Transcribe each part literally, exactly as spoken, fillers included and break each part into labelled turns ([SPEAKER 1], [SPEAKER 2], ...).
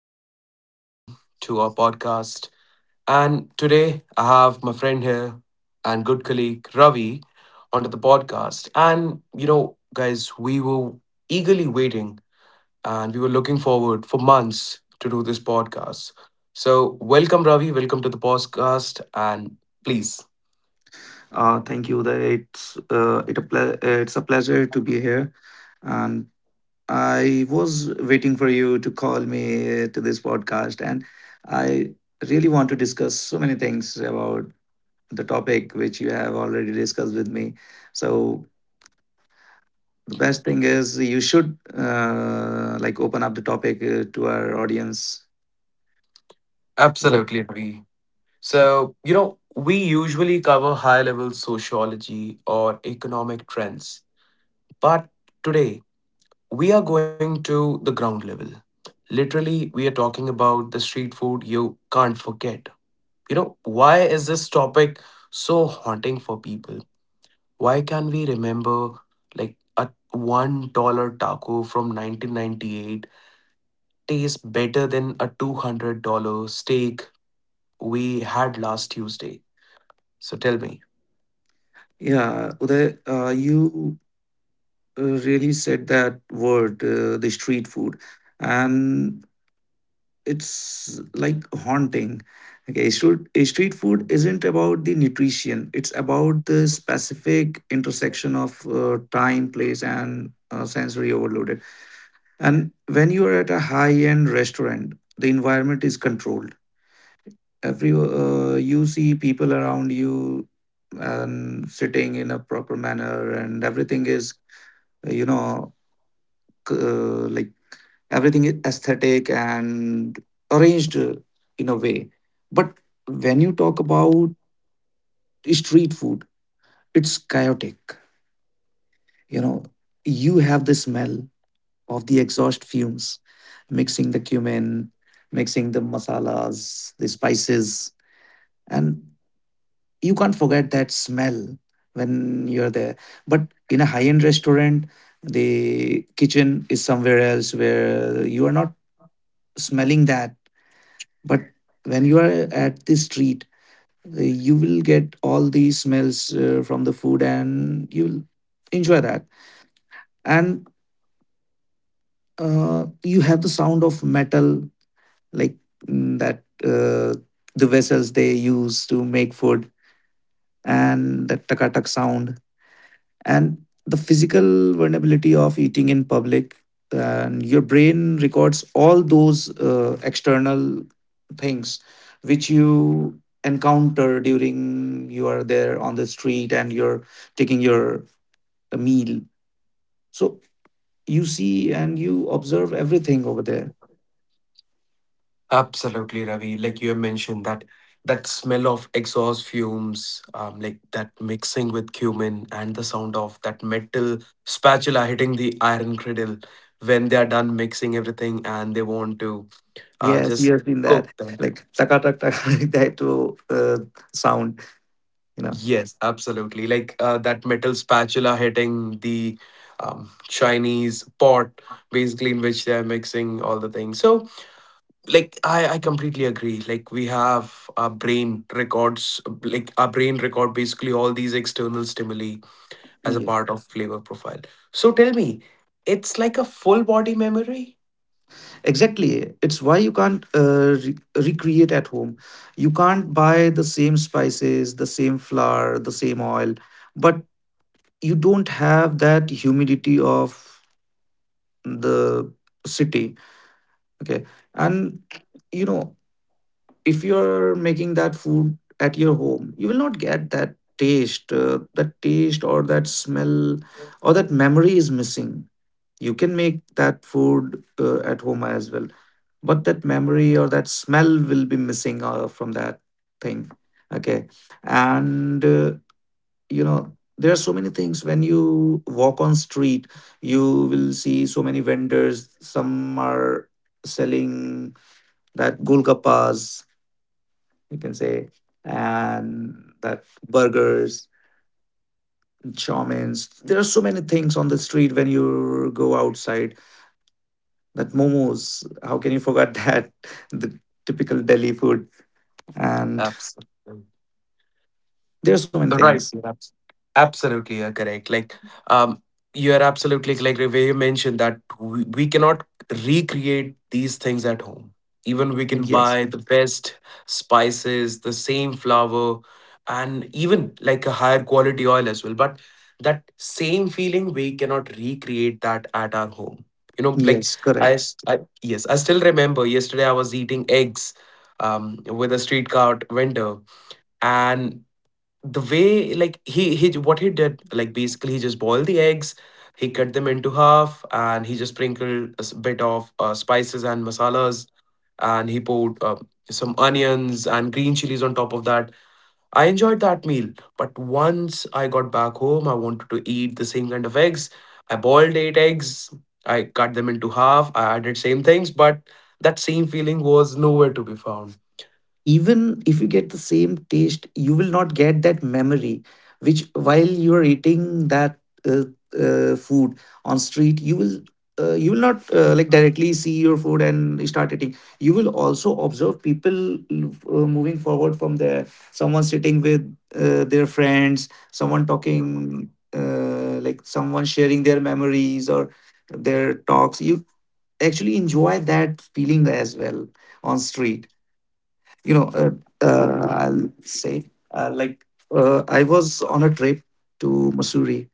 [SPEAKER 1] welcome everyone to our podcast. And today I have my friend here and good colleague Ravi onto the podcast. And you know, guys, we were eagerly waiting and we were looking forward for months to do this podcast. So, welcome Ravi, welcome to the podcast and please.
[SPEAKER 2] Uh, thank you, Uday. It's uh, it a ple- it's a pleasure to be here, and I was waiting for you to call me to this podcast, and I really want to discuss so many things about the topic which you have already discussed with me. So the best thing is you should uh, like open up the topic uh, to our audience. What?
[SPEAKER 1] Absolutely, Ravi. So, you know, we usually cover high level sociology or economic trends, but today we are going to the ground level. Literally, we are talking about the street food you can't forget. You know, why is this topic so haunting for people? Why can we remember like a one dollar taco from nineteen ninety-eight tastes better than a two hundred dollars steak we had last Tuesday? So tell me.
[SPEAKER 2] Yeah, Uday, uh, you uh, really said that word, uh, the street food. And it's like haunting. Okay, should a street food isn't about the nutrition, it's about the specific intersection of uh, time, place, and uh, sensory overloaded. And when you are at a high end restaurant, the environment is controlled. Every uh, you see people around you and sitting in a proper manner, and everything is, you know c- uh, like everything is aesthetic and arranged uh, in a way. But when you talk about street food, it's chaotic, you know. You have the smell of the exhaust fumes, mixing the cumin, mixing the masalas, the spices, and you can't forget that smell when you're there. But in a high end restaurant, the kitchen is somewhere else where you are not smelling that. But when you are at the street, uh, you will get all the smells uh, from the food and you'll enjoy that. And uh, you have the sound of metal, like, mm, that uh, the vessels they use to make food, and that takatak sound, and the physical vulnerability of eating in public. And your brain records all those uh, external things which you encounter during you are there on the street and you're taking your uh, meal. So you see and you observe everything over there.
[SPEAKER 1] Absolutely, Ravi. Like you have mentioned that that smell of exhaust fumes, um, like that mixing with cumin and the sound of that metal spatula hitting the iron cradle when they are done mixing everything and they want to uh,
[SPEAKER 2] Yes, you
[SPEAKER 1] just
[SPEAKER 2] have seen that,
[SPEAKER 1] cook them.
[SPEAKER 2] like taka tak tak like that to uh, sound, you
[SPEAKER 1] Yes, absolutely. Like uh, that metal spatula hitting the um, Chinese pot, basically in which they're mixing all the things. So, like, I, I completely agree. Like, we have our brain records, like, our brain record basically all these external stimuli as a
[SPEAKER 2] know.
[SPEAKER 1] part of flavor profile. So, tell me, it's like a full body memory?
[SPEAKER 2] Exactly. It's why you can't uh, re- recreate at home. You can't buy the same spices, the same flour, the same oil, but you don't have that humidity of the city. Okay. And, you know, if you're making that food at your home, you will not get that taste. Uh, that taste or that smell or that memory is missing. You can make that food uh, at home as well, but that memory or that smell will be missing uh, from that thing. Okay. And uh, you know, there are so many things when you walk on street. You will see so many vendors. Some are selling that golgappas, you can say, and that burgers, chaumins. There are so many things on the street when you go outside, that momos. How can you forget that? The typical Delhi food. And
[SPEAKER 1] Absolutely.
[SPEAKER 2] there are so many
[SPEAKER 1] Right.
[SPEAKER 2] things.
[SPEAKER 1] you're abs- Absolutely, you're correct. Like, um, you are absolutely correct. Where you mentioned that we, we cannot recreate these things at home. Even we can
[SPEAKER 2] Yes,
[SPEAKER 1] buy the best spices, the same flour, and even like a higher quality oil as well. But that same feeling, we cannot recreate that at our home. You know, like
[SPEAKER 2] yes,
[SPEAKER 1] I,
[SPEAKER 2] correct.
[SPEAKER 1] s- I- yes, I still remember yesterday I was eating eggs, um, with a street cart vendor, and the way like he he what he did, like basically he just boiled the eggs, he cut them into half and he just sprinkled a s- bit of uh, spices and masalas, and he poured uh, some onions and green chilies on top of that. I enjoyed that meal, but once I got back home I wanted to eat the same kind of eggs. I boiled eight eggs, I cut them into half, I added same things but that same feeling was nowhere to be found.
[SPEAKER 2] Even if you get the same taste, you will not get that memory which while you're eating that uh, uh, food on street. You will uh, you will not uh, like directly see your food and start eating. You will also observe people uh, moving forward from there, someone sitting with uh, their friends, someone talking, uh, like someone sharing their memories or their talks. You actually enjoy that feeling as well on street, you know. uh, uh, I'll say, uh, like, uh, I was on a trip to Missouri,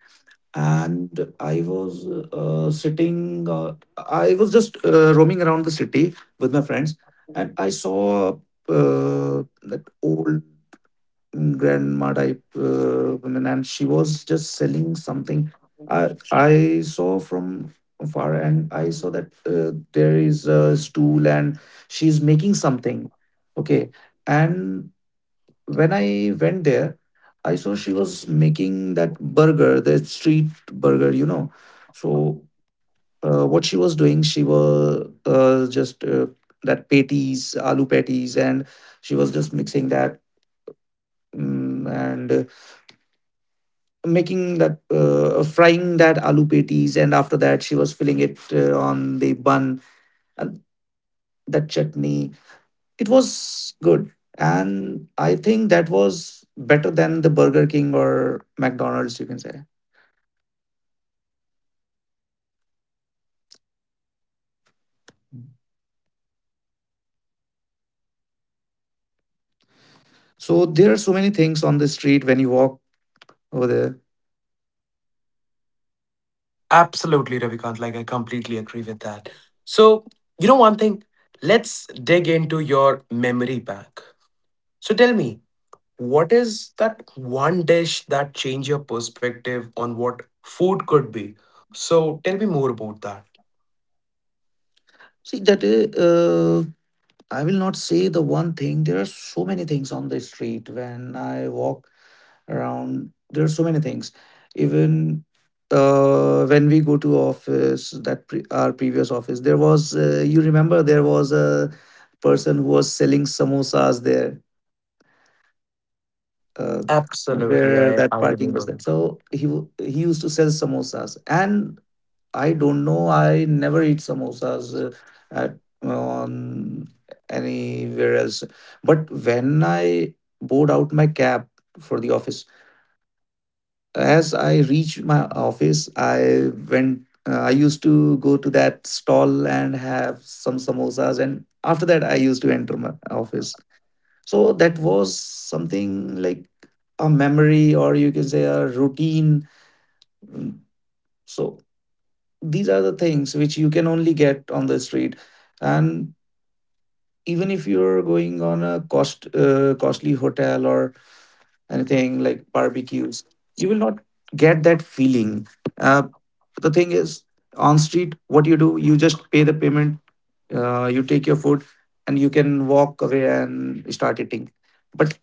[SPEAKER 2] and I was uh, sitting, uh, I was just uh, roaming around the city with my friends. And I saw uh, that old grandma type uh, woman, and she was just selling something. I i saw from far, and I saw that uh, there is a stool and she's making something. Okay. And when I went there, I saw she was making that burger, the street burger, you know. So uh, what she was doing, she was uh, just uh, that patties, aloo patties, and she was just mixing that, mm, and making that uh, uh, frying that aloo patties, and after that she was filling it uh, on the bun, and that chutney, it was good. And I think that was better than the Burger King or McDonald's, you can say. So there are so many things on the street when you walk over there.
[SPEAKER 1] Absolutely, Ravikant. Like, I completely agree with that. So, you know, one thing, let's dig into your memory bank. So, tell me, what is that one dish that changed your perspective on what food could be? So, tell me more about that.
[SPEAKER 2] See that uh, uh, I will not say the one thing. There are so many things on the street when I walk around. There are so many things. Even uh, when we go to office, that pre- our previous office, there was uh, you remember there was a person who was selling samosas there, uh,
[SPEAKER 1] Absolutely,
[SPEAKER 2] where
[SPEAKER 1] I,
[SPEAKER 2] that
[SPEAKER 1] I
[SPEAKER 2] parking was
[SPEAKER 1] remember.
[SPEAKER 2] there. So he w- he used to sell samosas, and I don't know. I never eat samosas uh, at on anywhere else. But when I bought out my cab for the office, as I reached my office, I went. Uh, I used to go to that stall and have some samosas, and after that, I used to enter my office. So that was something like a memory, or you can say a routine. Mm, So these are the things which you can only get on the street. And even if you're going on a cost uh, costly hotel or anything like barbecues, you will not get that feeling. uh, the thing is, on street, what you do, you just pay the payment, uh, you take your food, and you can walk away and start eating. But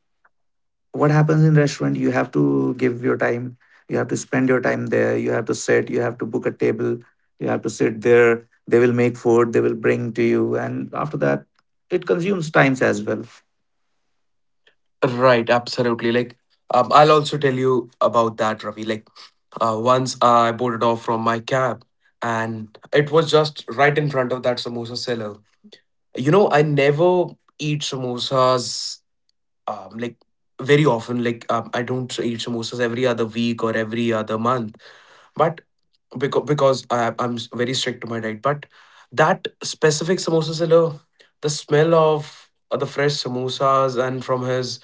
[SPEAKER 2] what happens in restaurant, you have to give your time, you have to spend your time there, you have to sit, you have to book a table, you have to sit there, they will make food, they will bring to you, and after that it consumes times as well.
[SPEAKER 1] Right, absolutely. Like, um, I'll also tell you about that, Ravi. Like, uh, once I boarded off from my cab, and it was just right in front of that samosa seller. You know, I never eat samosas, um, like very often. Like um, I don't eat samosas every other week or every other month. But because because I, I'm s- very strict to my diet. But that specific samosa seller, the smell of uh, the fresh samosas and from his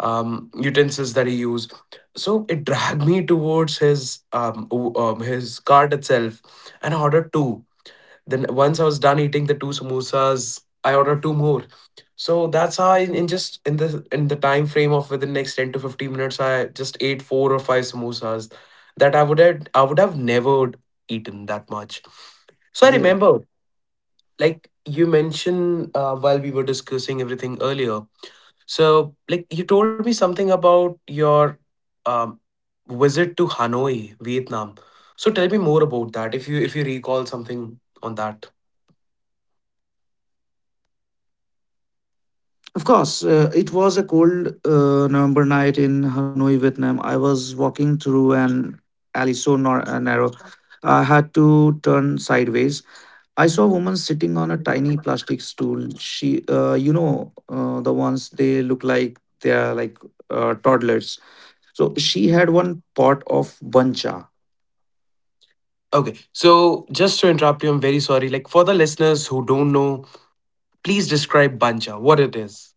[SPEAKER 1] um, utensils that he used, so it dragged me towards his um, o- um his cart itself, and I ordered two. Then once I was done eating the two samosas, I ordered two more. So that's how I, in just in the in the time frame of within next ten to fifteen minutes, I just ate four or five samosas that I would have I would have never eaten that much. So I
[SPEAKER 2] Yeah,
[SPEAKER 1] remember, like you mentioned uh, while we were discussing everything earlier. So like you told me something about your um, visit to Hanoi, Vietnam. So tell me more about that if you if you recall something on that.
[SPEAKER 2] of course. Uh, it was a cold uh, November night in Hanoi, Vietnam. I was walking through an alley so nar- uh, narrow. I had to turn sideways. I saw a woman sitting on a tiny plastic stool. She, uh, you know, uh, the ones they look like they are like uh, toddlers. So she had one pot of bancha.
[SPEAKER 1] Okay, so just to interrupt you, I'm very sorry. Like for the listeners who don't know, please describe banja, what it is.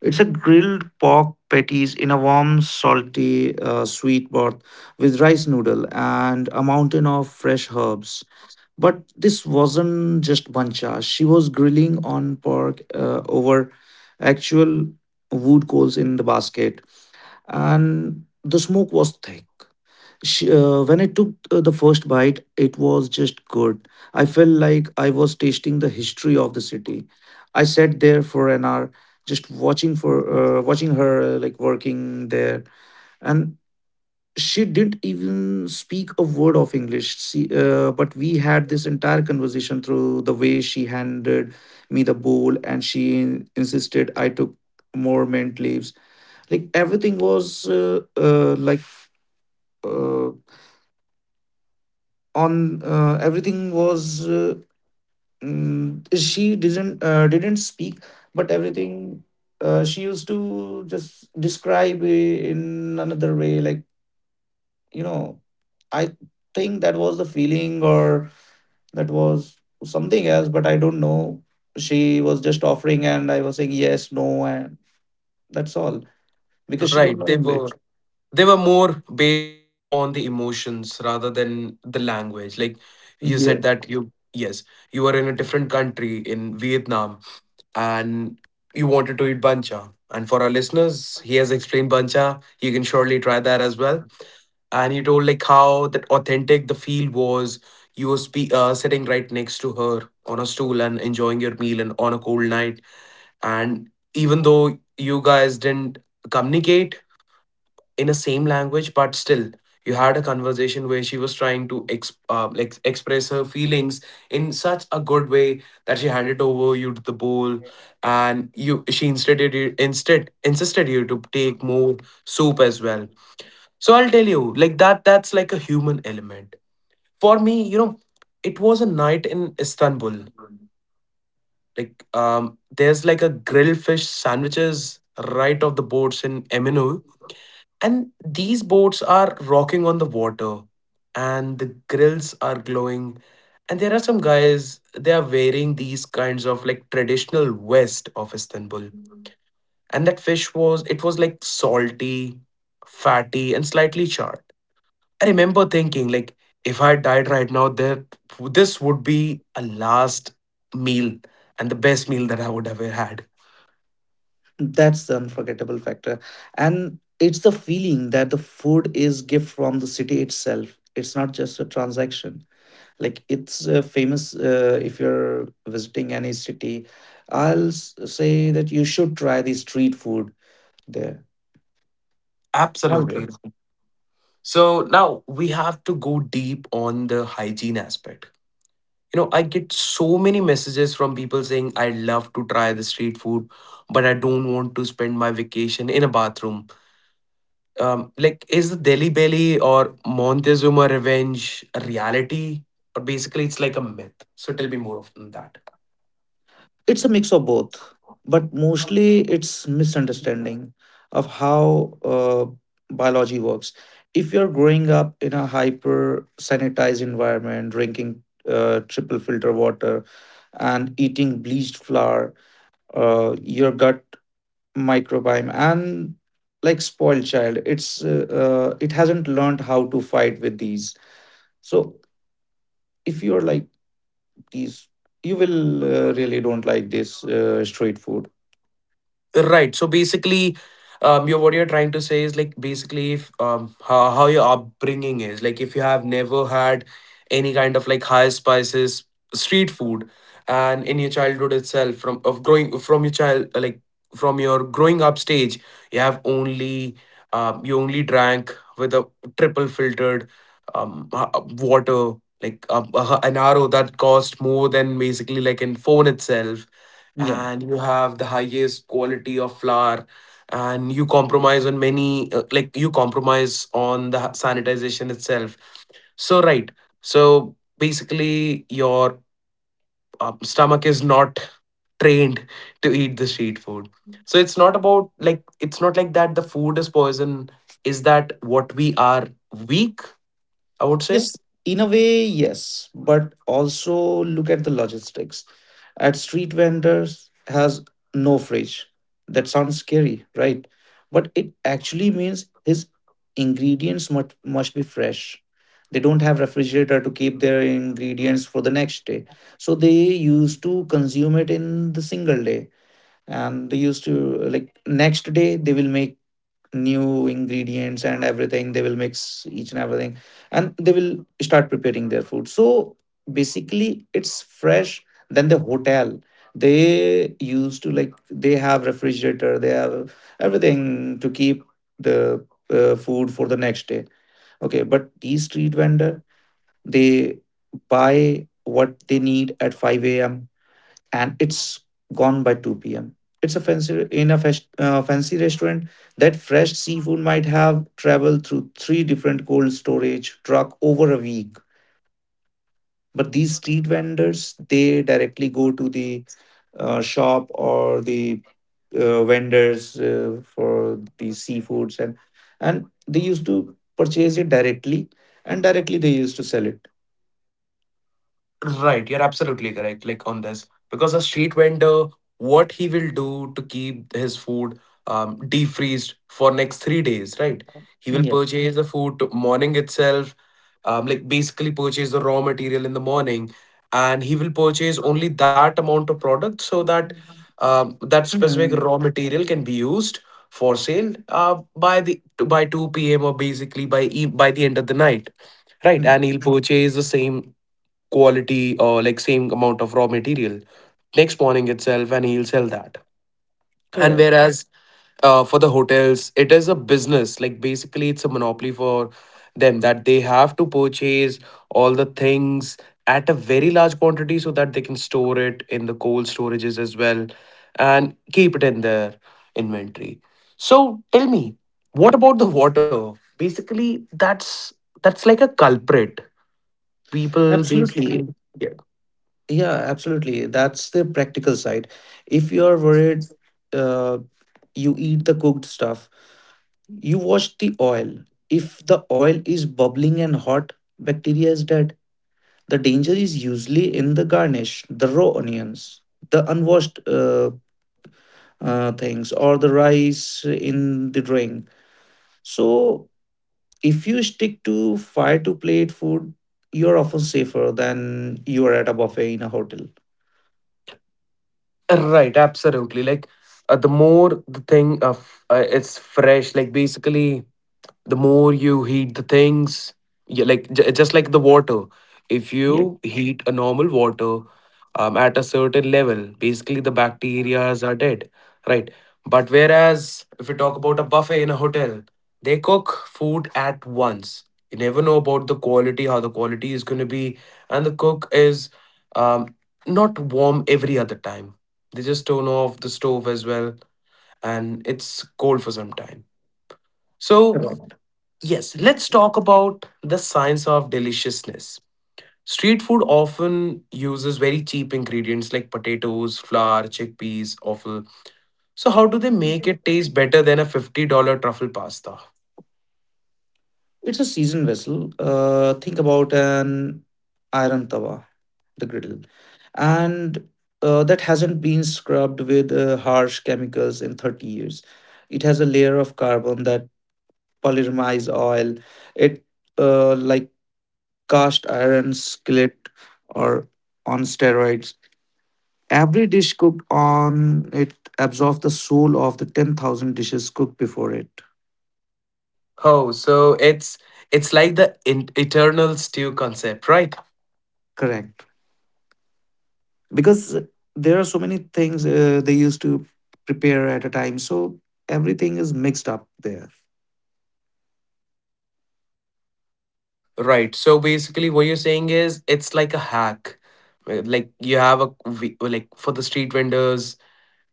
[SPEAKER 2] It's a grilled pork patties in a warm, salty, uh, sweet broth with rice noodle and a mountain of fresh herbs. But this wasn't just bancha. She was grilling on pork uh, over actual wood coals in the basket, and the smoke was thick. Sh uh, When I took uh, the first bite, it was just good. I felt like I was tasting the history of the city. I sat there for an hour, just watching for uh, watching her uh, like working there, and she didn't even speak a word of English. See, uh, but we had this entire conversation through the way she handed me the bowl, and she in- insisted I took more mint leaves. Like everything was uh, uh, like. Uh, on uh, Everything was uh, mm, she didn't uh, didn't speak, but everything, uh, she used to just describe i- in another way, like, you know, I think that was the feeling, or that was something else, but I don't know. She was just offering and I was saying yes, no, and that's all, because she don't
[SPEAKER 1] Right,
[SPEAKER 2] know
[SPEAKER 1] they
[SPEAKER 2] English.
[SPEAKER 1] were they were more based upon the emotions rather than the language. Like you said
[SPEAKER 2] Yes.
[SPEAKER 1] that you yes, you were in a different country in Vietnam and you wanted to eat bancha. And for our listeners, he has explained bancha. You can surely try that as well. And he told like how that authentic the feel was. You were spe- uh, sitting right next to her on a stool and enjoying your meal and on a cold night. And even though you guys didn't communicate in the same language, but still you had a conversation where she was trying to ex- uh, like express her feelings in such a good way that she handed over you to the bowl and you she instead you instead insisted you to take more soup as well. So I'll tell you like that, that's like a human element for me, you know. It was a night in Istanbul, like um there's like a grilled fish sandwiches right off the boats in m N O, and these boats are rocking on the water, and the grills are glowing. And there are some guys, they are wearing these kinds of like traditional vest of Istanbul. And that fish was, it was like salty, fatty, and slightly charred. I remember thinking, like, if I died right now, there, this would be a last meal and the best meal that I would ever had.
[SPEAKER 2] That's the unforgettable factor. And it's the feeling that the food is gift from the city itself. It's not just a transaction. Like it's uh, famous, uh, if you're visiting any city, I'll s- say that you should try the street food there. All
[SPEAKER 1] Absolutely.
[SPEAKER 2] right.
[SPEAKER 1] Right. So now we have to go deep on the hygiene aspect. You know, I get so many messages from people saying I'd love to try the street food but I don't want to spend my vacation in a bathroom. Um, like, is the Delhi belly or Montezuma revenge a reality or basically it's like a myth? So tell me more of that.
[SPEAKER 2] It's a mix of both, but mostly it's misunderstanding of how uh, biology works. If you're growing up in a hyper sanitized environment, drinking uh, triple filter water and eating bleached flour, uh, your gut microbiome and like spoiled child, it's uh, uh, it hasn't learned how to fight with these. So if you're like these, you will uh, really don't like this uh, street food.
[SPEAKER 1] Right. So basically, um, you're what you're trying to say is like basically if um how, how your upbringing is. Like, if you have never had any kind of like high spices street food, and in your childhood itself, from of growing from your child uh, like from your growing up stage, you have only um you only drank with a triple filtered um uh, uh, water, like uh, uh, an R O that cost more than basically like in phone itself.
[SPEAKER 2] Yeah.
[SPEAKER 1] And you have the highest quality of flour, and you compromise on many, uh, like you compromise on the sanitization itself. So right, so basically your um, stomach is not trained to eat the street food. So it's not about like it's not like that the food is poison, is that what we are, weak, I would say.
[SPEAKER 2] Yes, in a way, yes, but also look at the logistics. At street vendors has no fridge. That sounds scary, right? But it actually means his ingredients must must be fresh. They don't have refrigerator to keep their ingredients for the next day. So they used to consume it in the single day, and they used to, like, next day they will make new ingredients and everything, they will mix each and everything, and they will start preparing their food. So basically it's fresh. Then the hotel, they used to, like, they have refrigerator, they have everything to keep the uh, food for the next day. Okay, but these street vendor, they buy what they need at five a m and it's gone by two p m. It's a fancy in a fes- uh, fancy restaurant. That fresh seafood might have traveled through three different cold storage truck over a week. But these street vendors, they directly go to the uh, shop or the uh, vendors uh, for these seafoods, and and they used to purchase it directly and directly they used to sell it.
[SPEAKER 1] Right, you're absolutely correct, like on this. Because a street vendor, what he will do to keep his food um defreezed for next three days, right? He will
[SPEAKER 2] Yeah.
[SPEAKER 1] purchase the food to- morning itself, um, like basically purchase the raw material in the morning, and he will purchase only that amount of product so that um, that specific
[SPEAKER 2] Mm,
[SPEAKER 1] raw material can be used for sale uh, by the to, by two p m or basically by e- by the end of the night, right?
[SPEAKER 2] mm,
[SPEAKER 1] And he'll purchase the same quality or like same amount of raw material next morning itself, and he'll sell that. And
[SPEAKER 2] Correct.
[SPEAKER 1] whereas uh, for the hotels, it is a business, like basically it's a monopoly for them that they have to purchase all the things at a very large quantity so that they can store it in the cold storages as well and keep it in their inventory. So tell me, what about the water? Basically, that's that's like a culprit people basically,
[SPEAKER 2] Absolutely.
[SPEAKER 1] yeah.
[SPEAKER 2] Yeah, absolutely. That's the practical side. If you are worried, uh, you eat the cooked stuff, you watch the oil. If the oil is bubbling and hot, bacteria is dead. The danger is usually in the garnish, the raw onions, the unwashed uh, uh, things, or the rice in the drink. So, if you stick to fire to plate food, you're often safer than you are at a buffet in a hotel.
[SPEAKER 1] Right, absolutely. Like uh, the more the thing of uh, it's fresh, like basically the more you heat the things, yeah, like j- just like the water, if you heat a normal water um, at a certain level basically the bacterias are dead, right? But whereas if you talk about a buffet in a hotel, they cook food at once, you never know about the quality, how the quality is going to be, and the cook is um, not warm every other time, they just turn off the stove as well and it's cold for some time, so.
[SPEAKER 2] Correct.
[SPEAKER 1] Yes, let's talk about the science of deliciousness. Street food often uses very cheap ingredients like potatoes, flour, chickpeas, offal. So, how do they make it taste better than a fifty dollars truffle pasta?
[SPEAKER 2] It's a seasoned vessel. Uh, think about an iron tawa, the griddle, and uh, that hasn't been scrubbed with uh, harsh chemicals in thirty years. It has a layer of carbon that polymerize oil. It uh, like cast iron skillet or on steroids. Every dish cooked on it absorbs the soul of the ten thousand dishes cooked before it.
[SPEAKER 1] Oh, so it's it's like the in- eternal stew concept, right?
[SPEAKER 2] Correct, because there are so many things uh, they used to prepare at a time, so everything is mixed up there.
[SPEAKER 1] Right. So basically, what you're saying is it's like a hack. Uh, Like you have a v- like for the street vendors,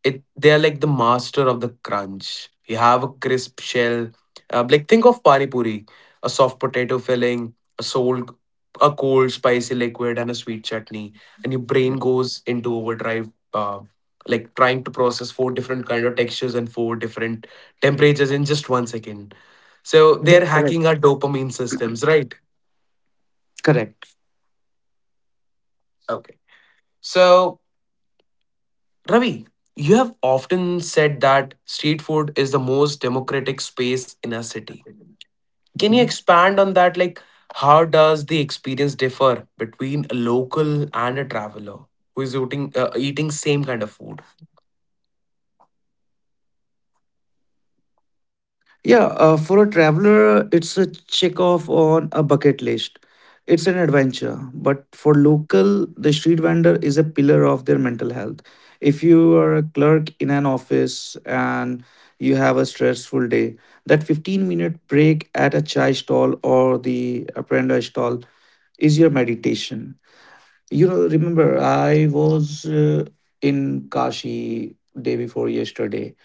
[SPEAKER 1] it they are like the master of the crunch. You have a crisp shell, uh, like think of pani puri, a soft potato filling, a sold, a cold spicy liquid, and a sweet chutney, and your
[SPEAKER 2] Yeah.
[SPEAKER 1] brain goes into overdrive, uh, like trying to process four different kind of textures and four different temperatures in just one second. So they
[SPEAKER 2] Yeah,
[SPEAKER 1] are
[SPEAKER 2] correct,
[SPEAKER 1] hacking our dopamine systems, right?
[SPEAKER 2] correct.
[SPEAKER 1] Okay. So Ravi, you have often said that street food is the most democratic space in a city. Can you
[SPEAKER 2] Mhm.
[SPEAKER 1] expand on that? Like, how does the experience differ between a local and a traveler who is eating uh, eating same kind of food?
[SPEAKER 2] Yeah, uh, for a traveler it's a check off on a bucket list, it's an adventure, but for local the street vendor is a pillar of their mental health. If you are a clerk in an office and you have a stressful day, that fifteen minute break at a chai stall or the apprentice stall is your meditation. You know, remember, I was uh, in Kashi day before yesterday,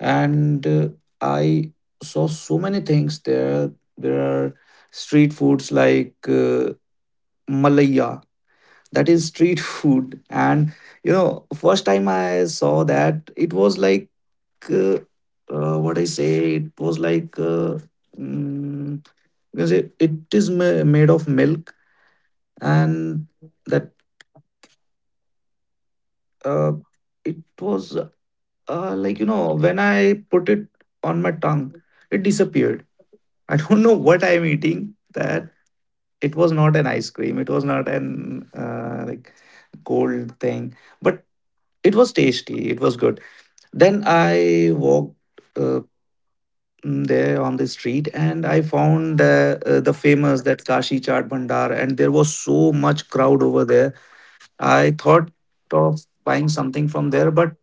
[SPEAKER 2] and uh, I saw so many things there. There are street foods like uh, malaya, that is street food, and you know, first time I saw that, it was like uh, uh, what I say. It was like. Uh, mm, because it, it is ma- made of milk and that, uh, it was uh, like, you know, when I put it on my tongue it disappeared. I don't know what I am eating, that it was not an ice cream, it was not an uh, like cold thing, but it was tasty, it was good. Then I walked, uh, mm, there on the street, and I found uh, uh, the famous that kashi chaat bhandar, and there was so much crowd over there. I thought of buying something from there, but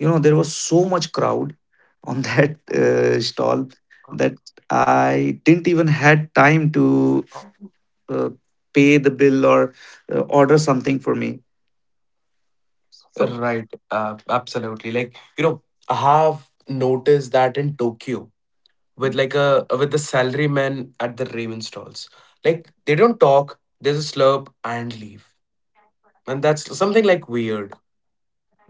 [SPEAKER 2] you know, there was so much crowd on that uh, stall that I didn't even had time to uh, pay the bill or uh, order something for me. So
[SPEAKER 1] Right, uh, absolutely. Like, you know, I have noticed that in Tokyo with like a with the salarymen at the ramen stalls. Like they don't talk, they just slurp and leave. And that's something like weird.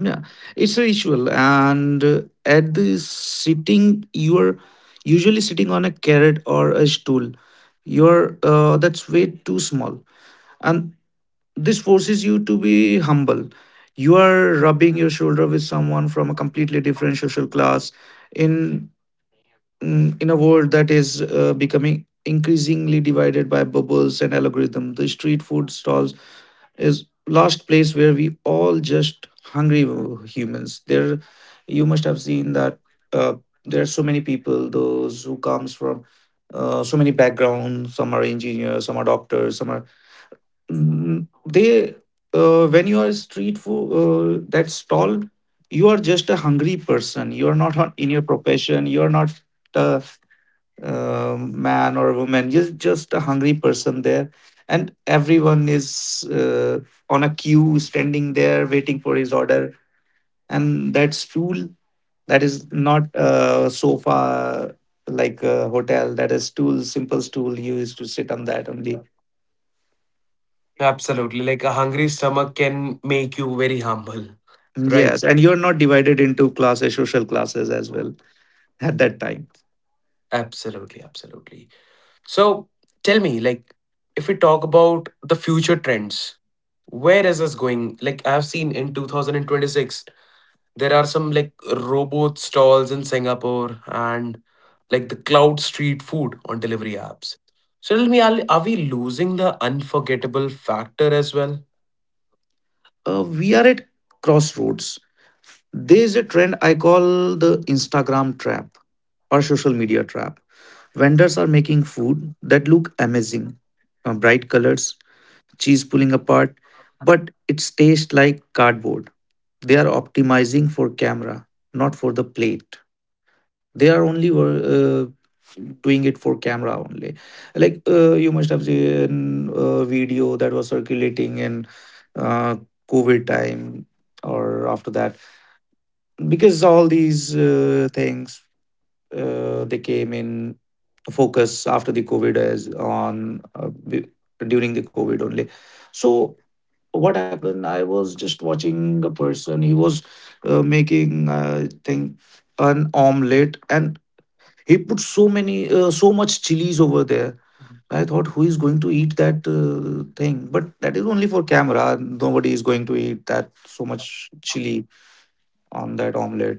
[SPEAKER 2] yeah, it's a ritual. And uh, at the sitting, you are usually sitting on a carrot or a stool. You're uh, That's way too small. And this forces you to be humble. You are rubbing your shoulder with someone from a completely different social class in, mm, in a world that is uh, becoming increasingly divided by bubbles and algorithm. The street food stalls is last place where we all just hungry humans there. You must have seen that, uh, there are so many people those who comes from, uh, so many backgrounds, some are engineers, some are doctors, some are, Mm, they, uh, when you are street food uh, that stall, you are just a hungry person, you are not on- in your profession, you are not a, uh, man or a woman, you're just a hungry person there. And everyone is, uh, on a queue standing there waiting for his order. And that stool, that is not a sofa like a hotel, that is stool, simple stool, you used to sit on that only.
[SPEAKER 1] Absolutely. Like a hungry stomach can make you very humble. Right.
[SPEAKER 2] Yes, and you're not divided into classes, social classes as well at that time.
[SPEAKER 1] Absolutely, absolutely. So tell me, like, if we talk about the future trends, where is this going? Like, I've seen in twenty twenty-six, there are some like robot stalls in Singapore and like the cloud street food on delivery apps. So tell me, are, are we losing the unforgettable factor as well?
[SPEAKER 2] Uh, we are at crossroads. There is a trend I call the Instagram trap or social media trap. Vendors are making food that look amazing, uh, bright colors, cheese pulling apart, but it tastes like cardboard. They are optimizing for camera, not for the plate. They are only wor- uh, Doing it for camera only, like uh, you must have seen a video that was circulating in uh, covid time or after that, because all these uh, things, uh, they came in focus after the covid, as on uh, b- during the covid only. So what happened, I was just watching a person, he was uh, making I think an omelette, and he put so many, uh, so much chilies over there. I thought, who is going to eat that uh, thing? But that is only for camera. Nobody is going to eat that so much chili on that omelette.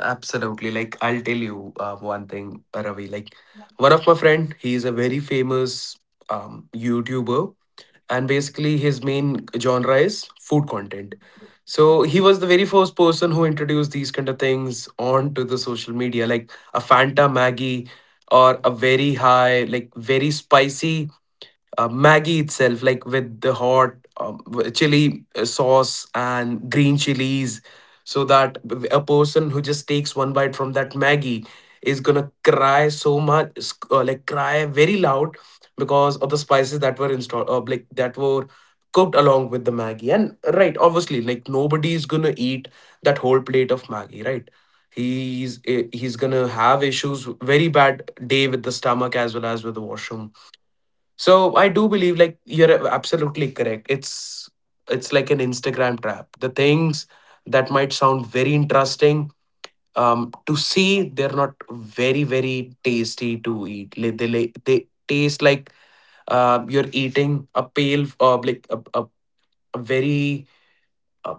[SPEAKER 1] Absolutely. Like, I'll tell you uh, one thing, Ravi. Like, one of my friend, he is a very famous um, YouTuber, and basically his main genre is food content. So he was the very first person who introduced these kind of things onto the social media, like a Fanta Maggie or a very high, like very spicy uh, Maggie itself, like with the hot um, w- chili uh, sauce and green chilies, so that w- a person who just takes one bite from that Maggie is gonna cry so much, sc- uh, like cry very loud because of the spices that were installed, uh, like that were cooked along with the Maggie. And uh, right, obviously, like nobody is gonna eat that whole plate of Maggie, right? He's eh, he's gonna have issues, very bad day with the stomach as well as with the washroom, so I do believe like you're absolutely correct. It's it's like an Instagram trap. The things that might sound very interesting um, to see, they're not very very tasty to eat. Like, they like- they taste like uh, you're eating a pale of like a, a, a very uh,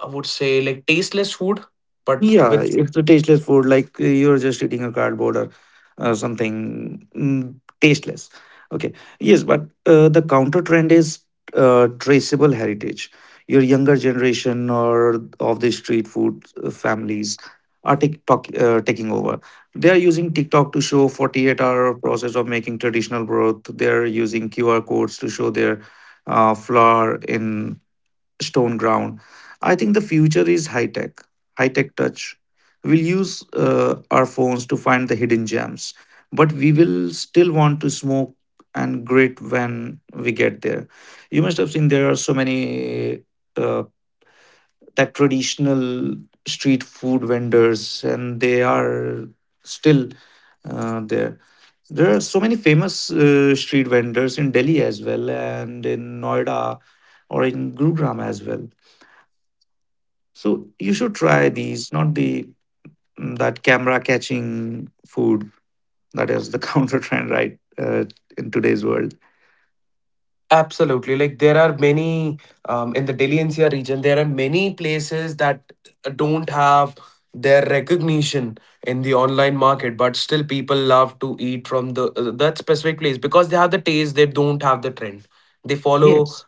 [SPEAKER 1] I would say like tasteless food, but
[SPEAKER 2] Yeah,
[SPEAKER 1] with.
[SPEAKER 2] it's a tasteless food. Like uh, you're just eating a cardboard or uh, something, mm, tasteless. Okay. Yes, but uh, the counter trend is uh, traceable heritage. Your younger generation or of the street food uh, families are TikTok uh, taking over. They are using TikTok to show forty-eight-hour process of making traditional broth. They are using Q R codes to show their uh, flour in stone ground. I think the future is high tech, high tech touch. We'll use uh, our phones to find the hidden gems, but we will still want to smoke and grit when we get there. You must have seen there are so many uh, that traditional street food vendors, and they are still uh, there. There are so many famous uh, street vendors in Delhi as well, and in Noida or in Gurugram as well. So you should try these, not the, mm, that camera catching food. That is the counter trend, right? Uh, in today's world.
[SPEAKER 1] Absolutely. Like there are many um, in the Delhi N C R region, there are many places that uh, don't have their recognition in the online market, but still people love to eat from the uh, that specific place because they have the taste. They don't have the trend. They follow
[SPEAKER 2] Yes.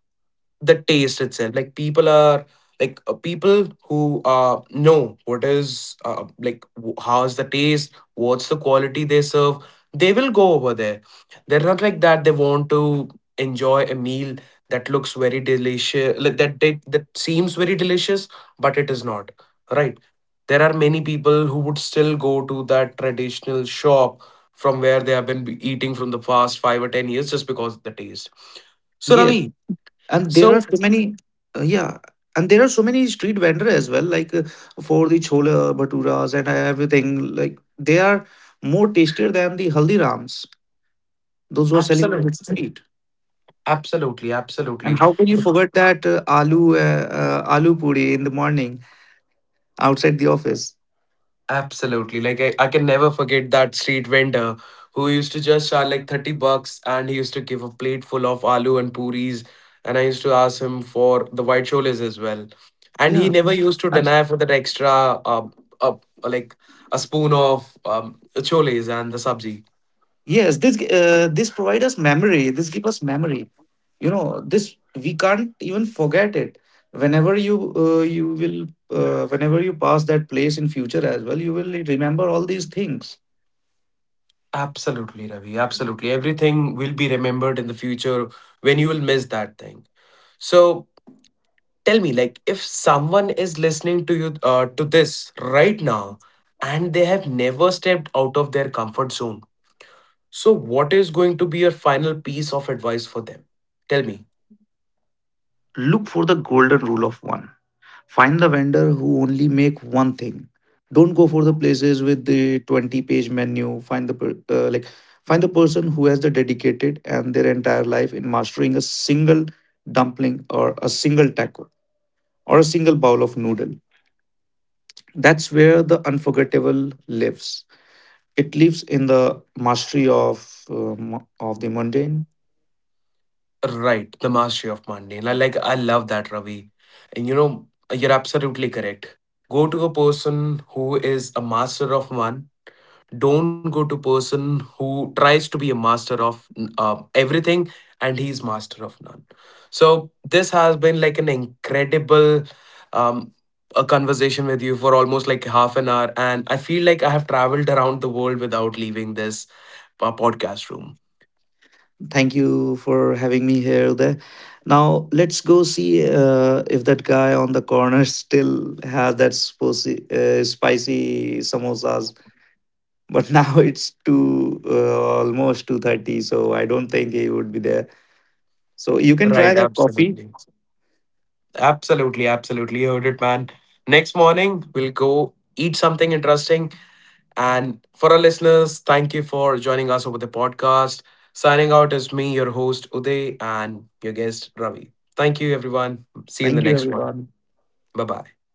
[SPEAKER 1] the taste itself. Like people are like uh, people who uh know what is uh, like w- how's the taste, what's the quality they serve, they will go over there. They're not like that, they want to enjoy a meal that looks very delicious, like that that, that seems very delicious, but it is not. Right, there are many people who would still go to that traditional shop from where they have been eating from the past five or ten years just because of the taste. So
[SPEAKER 2] Yeah,
[SPEAKER 1] Ravi,
[SPEAKER 2] and there
[SPEAKER 1] so
[SPEAKER 2] are so many. Uh, yeah, and there are so many street vendor as well, like uh, for the chola bhaturas and everything. Like they are more tastier than the haldirams, those who are selling on the
[SPEAKER 1] absolutely,
[SPEAKER 2] street.
[SPEAKER 1] absolutely,
[SPEAKER 2] And
[SPEAKER 1] absolutely,
[SPEAKER 2] how can you forget that uh, aloo uh, uh, aloo puri in the morning outside the office?
[SPEAKER 1] absolutely. Like I, I can never forget that street vendor who used to just charge like thirty bucks and he used to give a plate full of aloo and puris, and I used to ask him for the white choles as well. And he
[SPEAKER 2] Yeah.
[SPEAKER 1] never used to deny for that extra uh, uh like a spoon of um choles and the sabji.
[SPEAKER 2] Yes, this, uh, this provide us memory. This give us memory. You know, this we can't even forget it. Whenever you, uh, you will uh, whenever you pass that place in future as well, you will remember all these things.
[SPEAKER 1] Absolutely, Ravi. Absolutely. Everything will be remembered in the future when you will miss that thing. So tell me, like, if someone is listening to you uh, to this right now, and they have never stepped out of their comfort zone, so what is going to be your final piece of advice for them? Tell me.
[SPEAKER 2] Look for the golden rule of one. Find the vendor who only make one thing. Don't go for the places with the twenty page menu. Find the per- uh, like find the person who has the dedicated and their entire life in mastering a single dumpling or a single taco or a single bowl of noodle. That's where the unforgettable lives. It lives in the mastery of um, of the mundane.
[SPEAKER 1] Right, the mastery of mundane. I like, I love that, Ravi. And you know, you're absolutely correct. Go to a person who is a master of one. Don't go to person who tries to be a master of uh, everything and he's master of none. So this has been like an incredible um, a conversation with you for almost like half an hour, and I feel like I have traveled around the world without leaving this uh, podcast room.
[SPEAKER 2] Thank you for having me here. There. Now let's go see uh, if that guy on the corner still has that spicy, uh, spicy samosas. But now it's two uh, almost two thirty, so I don't think he would be there. So you can try
[SPEAKER 1] Right,
[SPEAKER 2] that coffee.
[SPEAKER 1] absolutely, absolutely, absolutely. You heard it, man, next morning we'll go eat something interesting. And for our listeners, thank you for joining us over the podcast. Signing out is me, your host, Uday, and your guest, Ravi. Thank you, everyone. See you in
[SPEAKER 2] Thank
[SPEAKER 1] the
[SPEAKER 2] you,
[SPEAKER 1] next one.
[SPEAKER 2] everyone.
[SPEAKER 1] Bye bye.